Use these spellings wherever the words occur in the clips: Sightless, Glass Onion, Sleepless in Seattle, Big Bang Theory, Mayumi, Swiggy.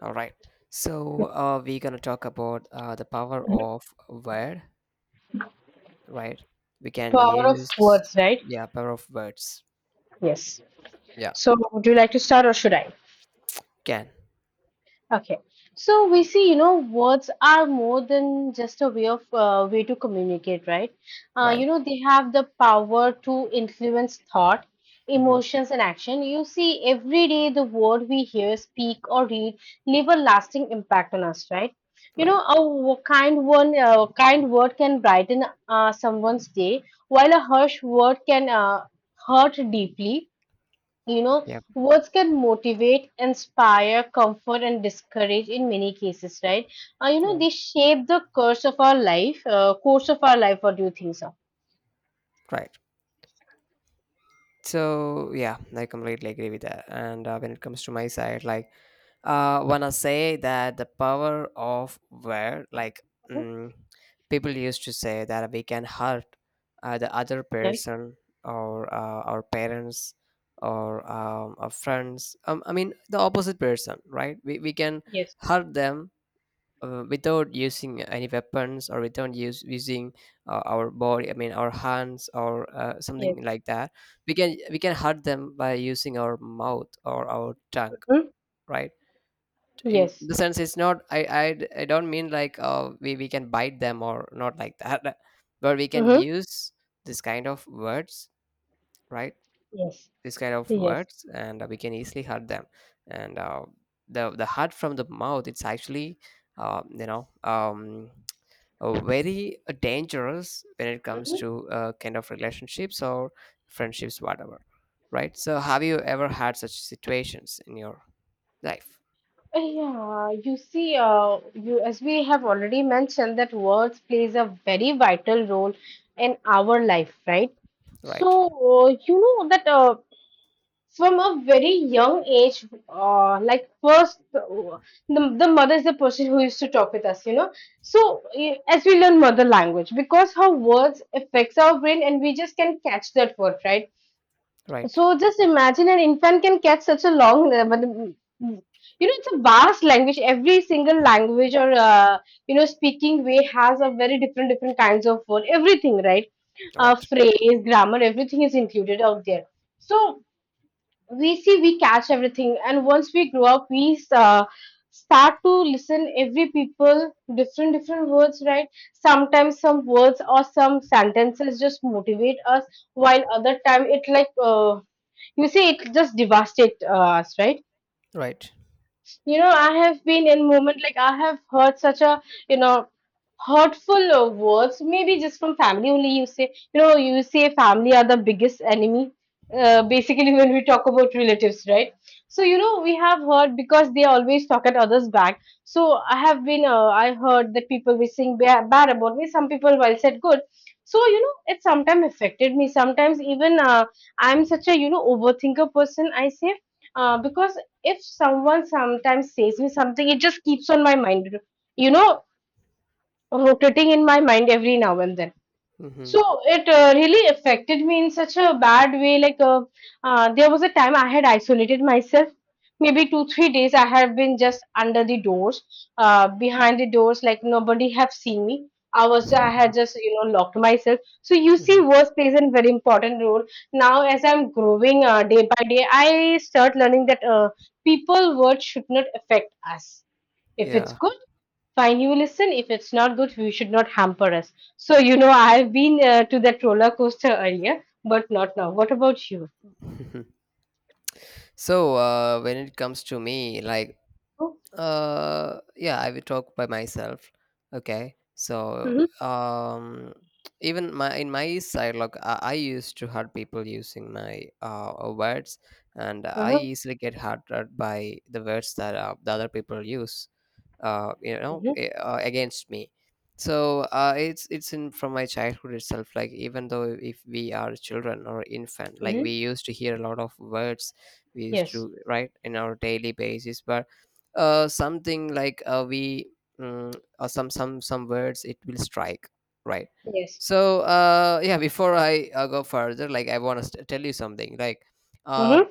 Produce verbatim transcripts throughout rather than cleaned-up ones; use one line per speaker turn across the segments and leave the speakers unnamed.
All right. So uh, we're gonna talk about uh, the power of word, right? We can
Power of
use
words, right?
yeah, power of words.
Yes.
Yeah,
So, would you like to start or should I?
can
Okay. So we see, you know, words are more than just a way of uh, way to communicate, right? Uh, you
right.
know, they have the power to influence thought,
Hmm.
emotions, and action. You see, every day the word we hear, speak, or read leave a lasting impact on us, right? You know,
Right.
a w- kind one, uh, kind word can brighten uh, someone's day, while a harsh word can uh, hurt deeply. You know,
Yeah.
words can motivate, inspire, comfort, and discourage in many cases, right? Uh, you know,
Right.
they shape the course of our life, uh, course of our life. What do you think, sir?
Right. So yeah, I completely agree with that. And uh, when it comes to my side, like, uh, wanna say that the power of where, like,
Mhm.
mm, people used to say that we can hurt uh, the other
Yes,
person or uh, our parents or um, our friends. Um, I mean, the opposite person, right? We we can
yes,
hurt them uh, without using any weapons or without use, using uh, our body, I mean our hands or uh,
yes.
something like that. We can we can hurt them by using our mouth or our tongue,
Mhm.
right? In
Yes.
the sense, it's not i i, I don't mean like uh, we, we can bite them or not like that but we can
Hmm.
use this kind of words, right?
Yes,
This kind of
yes.
words, and we can easily hurt them. And uh, the the hurt from the mouth, it's actually um, you know um, uh, very uh, dangerous when it comes
Mhm.
to uh, kind of relationships or friendships, whatever, right? So have you ever had such situations in your life?
Uh, Yeah, you see, uh, you as we have already mentioned that words plays a very vital role in our life, right? So,
Right.
uh, you know that uh, from a very young age, uh, like first, uh, the, the mother is the person who used to talk with us, you know. So eh, as we learn mother language, because her words affects our brain, and we just can catch that word, right?
Right.
So just imagine an infant can catch such a long, uh, but, mm, you know, it's a vast language. Every single language or uh, you know, speaking way has a very different different kinds of word. Everything, right? Uh,
Right.
phrase, grammar, everything is included out there. So we see we catch everything, and once we grow up, we uh, start to listen every people different different words, right? Sometimes some words or some sentences just motivate us, while other time it like, uh, you see, it just devastate uh, us, right?
Right.
You know, I have been in moment like I have heard such a, you know, hurtful uh, words, maybe just from family only. You say, you know, you say family are the biggest enemy. Uh, basically, when we talk about relatives, right? So, you know, we have heard because they always talk at others' back. So, I have been, uh, I heard that people were saying ba- bad about me. Some people while said good. So, you know, it sometimes affected me. Sometimes even uh, I'm such a, you know, overthinker person. I say, uh, because if someone sometimes says me something, it just keeps on my mind, you know, rotating in my mind every now and then.
Mm-hmm.
So it uh, really affected me in such a bad way. Like, uh, uh, there was a time I had isolated myself. Maybe two three days I have been just under the doors, uh, behind the doors, like nobody have seen me. I was I had just, you know, locked myself. So you see, work plays a very important role. Now as I'm growing uh, day by day, I start learning that uh, people words should not affect us. If it's
Yeah.
good, fine, you listen. If it's not good, you should not hamper us. So, you know, I've been uh, to that roller coaster earlier, but not now. What about you?
so uh, when it comes to me, like, Uh, yeah, I will talk by myself. Okay, so
Mm-hmm.
um, even my in my side, like I, I used to hurt people using my uh uh, words, and I
Mm-hmm.
easily get hurt uh, by the words that uh, the other people use uh, you know
Mm-hmm.
eh, uh, against me. So uh, it's it's in from my childhood itself. Like, even though if we are children or infant, like, we
Mm-hmm.
used to hear a lot of words, we used
Yes.
to write in our daily basis, but uh, something like uh, we um, or some some some words, it will strike, right?
Yes.
So uh, yeah, before I uh, go further, like, I want to st- tell you something like, um
Mm-hmm.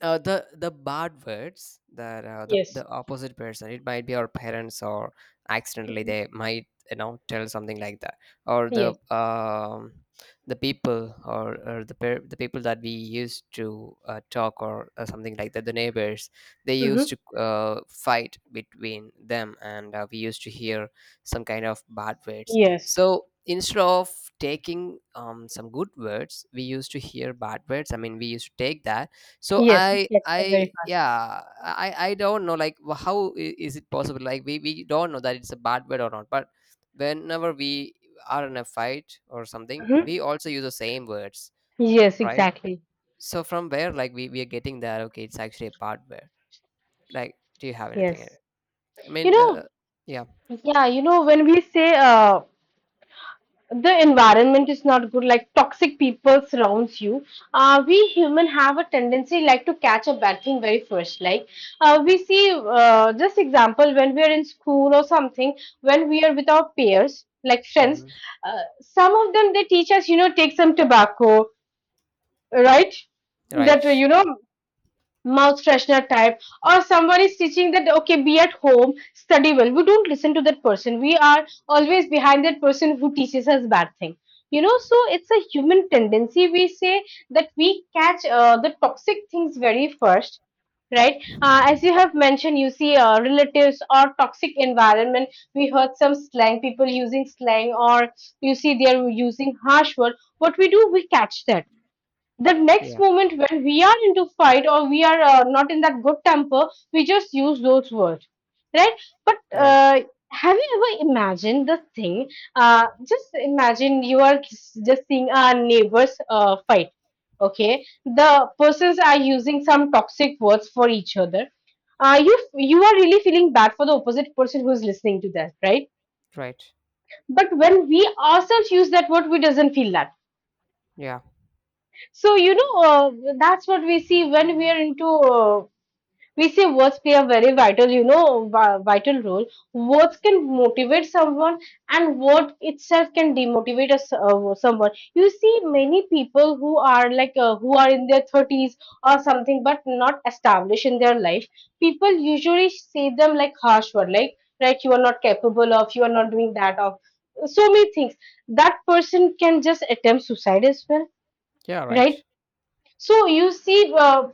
uh, the the bad words that uh, the
Yes.
the opposite person, it might be our parents, or accidentally
Mm-hmm.
they might, you know, tell something like that, or the
Yes.
um the people, or, or the per- the people that we used to uh, talk, or uh, something like that, the neighbors, they used
Mm-hmm.
to uh, fight between them, and uh, we used to hear some kind of bad words.
Yes.
So instead of taking um, some good words, we used to hear bad words, I mean, we used to take that. so
Yes. It
i
gets that
i
very fast.
yeah, i i don't know, like wh- how i- is it possible, like we, we don't know that it's a bad word or not, but whenever we are in a fight or something,
Mm-hmm.
we also use the same words,
Yes,
right?
exactly.
So from where, like, we, we are getting that, okay, it's actually a bad word. Like, do you have anything here?
Yes.
I
You
mean, uh,
know,
yeah.
yeah, you know, when we say, uh, the environment is not good, like toxic people surrounds you, uh, we human have a tendency like to catch a bad thing very first. Like, uh, we see, uh, just example, when we are in school or something, when we are with our peers like friends,
Hmm.
uh, some of them they teach us, you know, take some tobacco, right? That, uh,
Right.
you know, mouth freshener type. Or someone is teaching that okay, be at home, study well, we don't listen to that person. We are always behind that person who teaches us bad thing, you know. So it's a human tendency, we say, that we catch uh, the toxic things very first, right? Uh, as you have mentioned, you see, uh, relatives or toxic environment, we heard some slang, people using slang, or you see they are using harsh word. What we do? We catch that. The next
Yeah.
moment when we are into fight, or we are uh, not in that good temper, we just use those words, right? But,
Right.
uh, have you ever imagined the thing? Uh, just imagine you are just seeing our neighbors uh, fight. Okay, the persons are using some toxic words for each other. Uh, you, you are really feeling bad for the opposite person who is listening to that, right?
Right.
But when we ourselves use that word, we doesn't feel that.
Yeah.
So, you know, uh, that's what we see when we are into, uh, we see words play a very vital, you know, vi- vital role. Words can motivate someone, and word itself can demotivate us, uh, someone. You see many people who are like, uh, who are in their thirties or something, but not established in their life. People usually say them like harsh word, like, right, you are not capable of, you are not doing that of, so many things. That person can just attempt suicide as well,
Yeah.
right?
Right.
So you see, uh,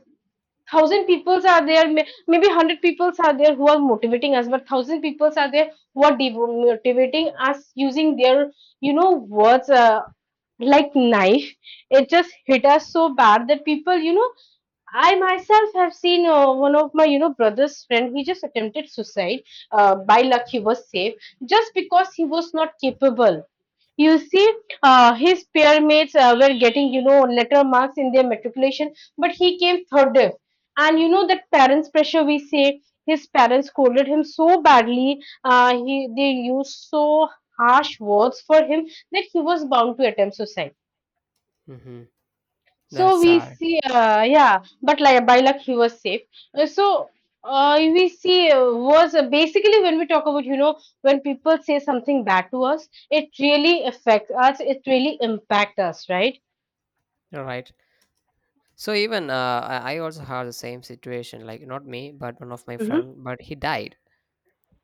thousand peoples are there. may- Maybe hundred peoples are there who are motivating us, but thousand peoples are there who are dev- motivating us using their, you know, words, uh, like knife. It just hit us so bad that people, you know, I myself have seen uh, one of my, you know, brother's friend. He just attempted suicide. Uh, by luck, he was safe, just because he was not capable. You see, uh, his peer mates uh, were getting, you know, letter marks in their matriculation, but he came third div. And you know that parents' pressure. We say his parents scolded him so badly. Uh, he They used so harsh words for him that he was bound to attempt suicide.
Hmm. That's
So we
sad.
see, uh, yeah, but like by luck he was safe. Uh, So uh, we see, uh, was uh, basically, when we talk about, you know, when people say something bad to us, it really affects us. It really impact us, right?
Right. So even uh, I I also had the same situation, like not me, but one of my
Mm-hmm.
friend, but he died,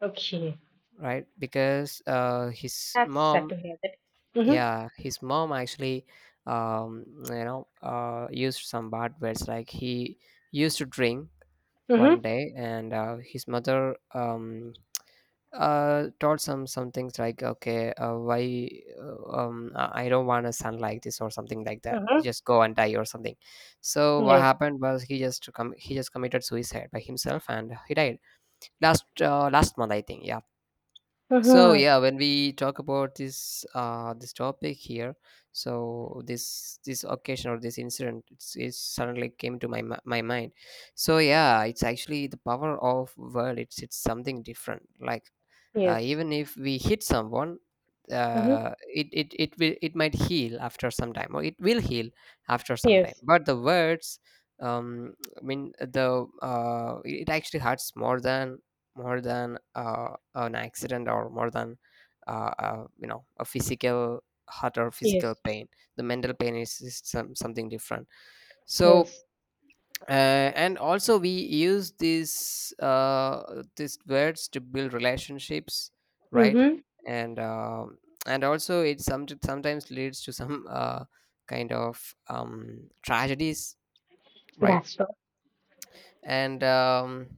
Okay,
right? Because uh, his
that's sad
mom,
to hear that. Mm-hmm.
yeah, his mom actually, um, you know, uh, used some bad words. Like, he used to drink one
Mm-hmm.
day, and uh, his mother, um, uh taught some some things like, okay, uh, why uh, um i I don't want a son like this or something like that,
Mm-hmm.
just go and die or something. So what
Yeah.
happened was he just com- he just committed suicide by himself, and he died last uh, last month, I think. Yeah. So
Mm-hmm.
yeah, when we talk about this uh this topic here, so this this occasion or this incident, it's, it suddenly came to my mi- my mind. So yeah, it's actually the power of word. It's it's something different, like, uh,
Yes.
even if we hit someone,
Mm-hmm.
uh, it, it it will, it might heal after some time, or it will heal after some time,
Yes.
but the words, um I mean, the uh it, it actually hurts more than more than uh, an accident, or more than uh, uh, you know, a physical hurt or physical
Yes.
pain. The mental pain is, is some, something different. So
Yes.
uh, and also we use these uh, these words to build relationships, right?
Mm-hmm.
And um and also it some, sometimes leads to some uh, kind of um, tragedies, right?
That's right.
And um,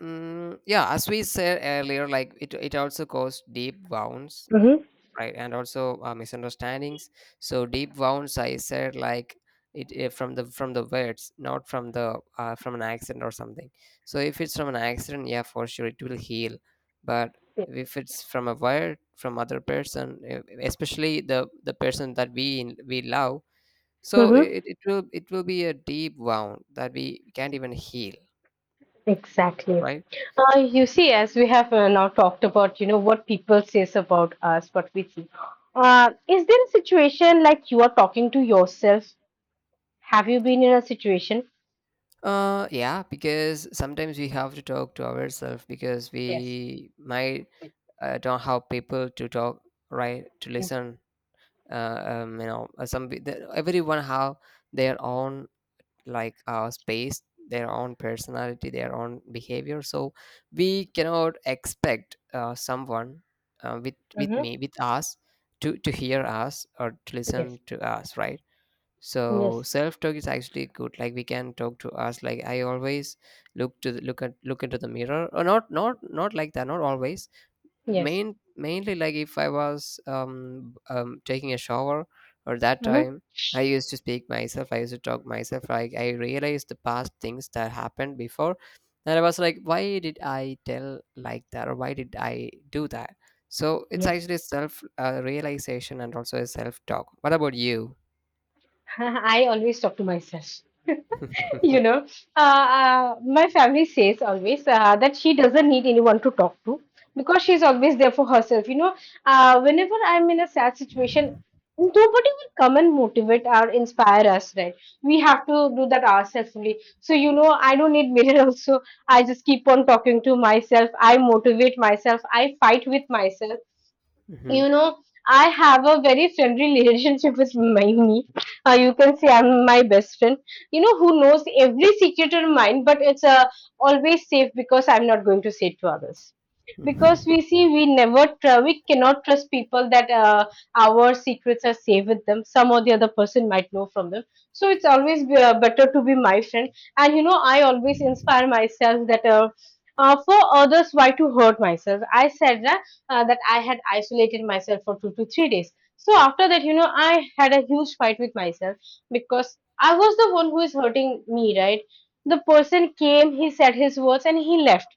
mm, yeah, as we said earlier, like, it, it also caused deep wounds,
Mm-hmm.
right? And also uh, misunderstandings. So deep wounds, I said, like, it, it from the from the words, not from the uh, from an accident or something. So if it's from an accident, yeah, for sure it will heal. But if it's from a word from other person, e- especially the the person that we in- we love, so,
Mm-hmm.
it, it will, it will be a deep wound that we can't even heal,
Exactly.
right?
Uh, you see, as we have uh, now talked about, you know, what people says about us, what we see. Uh, is there a situation like you are talking to yourself? Have you been in a situation?
Uh, yeah, because sometimes we have to talk to ourselves because
Yes.
we might uh, don't have people to talk, right, to
Yes.
listen. Uh, um, you know, uh, some pe- the- everyone have their own, like, uh, space, their own personality, their own behavior. So we cannot expect uh, someone uh, with with
Mm-hmm.
me with us to to hear us or to listen
Yes.
to us, right? So
Yes.
self talk is actually good, like, we can talk to us. Like, I always look to the, look at, look into the mirror, or not not not like that, not always.
Yes.
Main mainly like, if I was um, um taking a shower or that
Mm-hmm.
time, I used to speak myself, I used to talk myself. Like, I realized the past things that happened before, and I was like, why did I tell like that, or why did I do that? So it's
Yes.
actually self uh, realization and also a self talk. What about you?
I always talk to myself. You know, uh, uh, my family says always uh, that she doesn't need anyone to talk to because she's always there for herself. You know, uh, whenever I'm in a sad situation, nobody will come and motivate or inspire us, right? We have to do that ourselves only. So, you know, I don't need mirror also. I just keep on talking to myself. I motivate myself. I fight with myself,
Mhm.
you know. I have a very friendly relationship with Mayumi. Uh, you can say I'm my best friend. You know, who knows every secret in mine, but it's uh, always safe because I'm not going to say it to others. Because we
Mhm.
see, we never tr- we cannot trust people that uh, our secrets are safe with them. Some or the other person might know from them. So it's always be, uh, better to be my friend. And you know, I always inspire myself that, uh, uh, for others, why to hurt myself? I said that uh, that I had isolated myself for two to three days. So after that, you know, I had a huge fight with myself because I was the one who is hurting me, right? The person came, he said his words, and he left.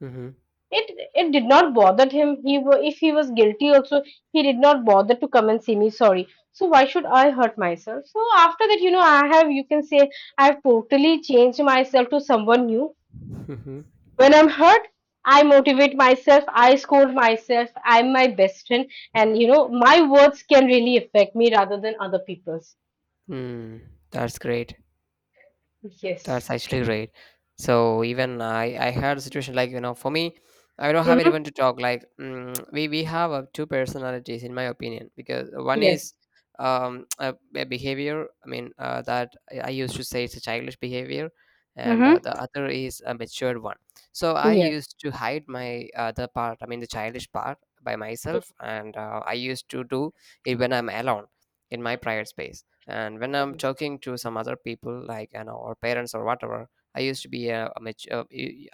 Mhm.
It it did not bother him. He wa- if he was guilty also, he did not bother to come and see me. Sorry. So why should I hurt myself? So after that, you know, I have, you can say, I have totally changed myself to someone new.
Mhm.
When I'm hurt, I motivate myself, I scold myself, I'm my best friend, and you know, my words can really affect me rather than other people's.
Mm. That's great. That's
Yes.
actually great. So even I, I had a situation, like, you know, for me, I don't have
Mm-hmm.
anyone to talk. Like, mm, we we have uh, two personalities in my opinion, because one
Yes.
is um a, a behavior. I mean, uh, that I I used to say it's a childish behavior, and uh,
Mm-hmm.
the other is a matured one. So I
Yes.
used to hide my other part. I mean the childish part, by myself, and uh, I used to do it when I'm alone in my private space. And when I'm
Yes.
talking to some other people, like, you know, or parents or whatever, I used to be a, a mature,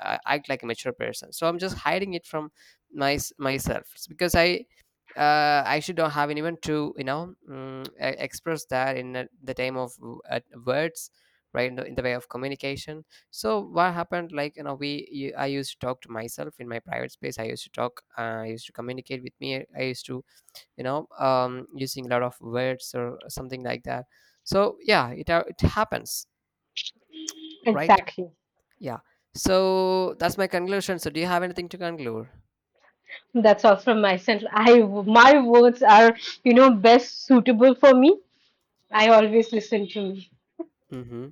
I act like a mature person. So I'm just hiding it from my myself. It's because I uh, actually don't have anyone to, you know, mm, e- express that in a- the time of w- uh, words, right, in the, in the way of communication. So what happened, like, you know, we you- i used to talk to myself in my private space. I used to talk, uh, I used to communicate with me. I used to, you know, um, using a lot of words or something like that. So yeah, it, ha- it happens, right?
Exactly.
Yeah. So that's my conclusion. So do you have anything to conclude?
That's all from my side. I My words are, you know, best suitable for me. I always listen to me.
Mm-hmm.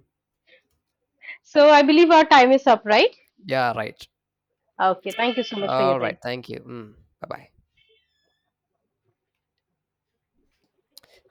So I believe our time is up, right?
Yeah, right.
Okay, thank you so much for your
All right,
time.
thank you. Mm, bye-bye.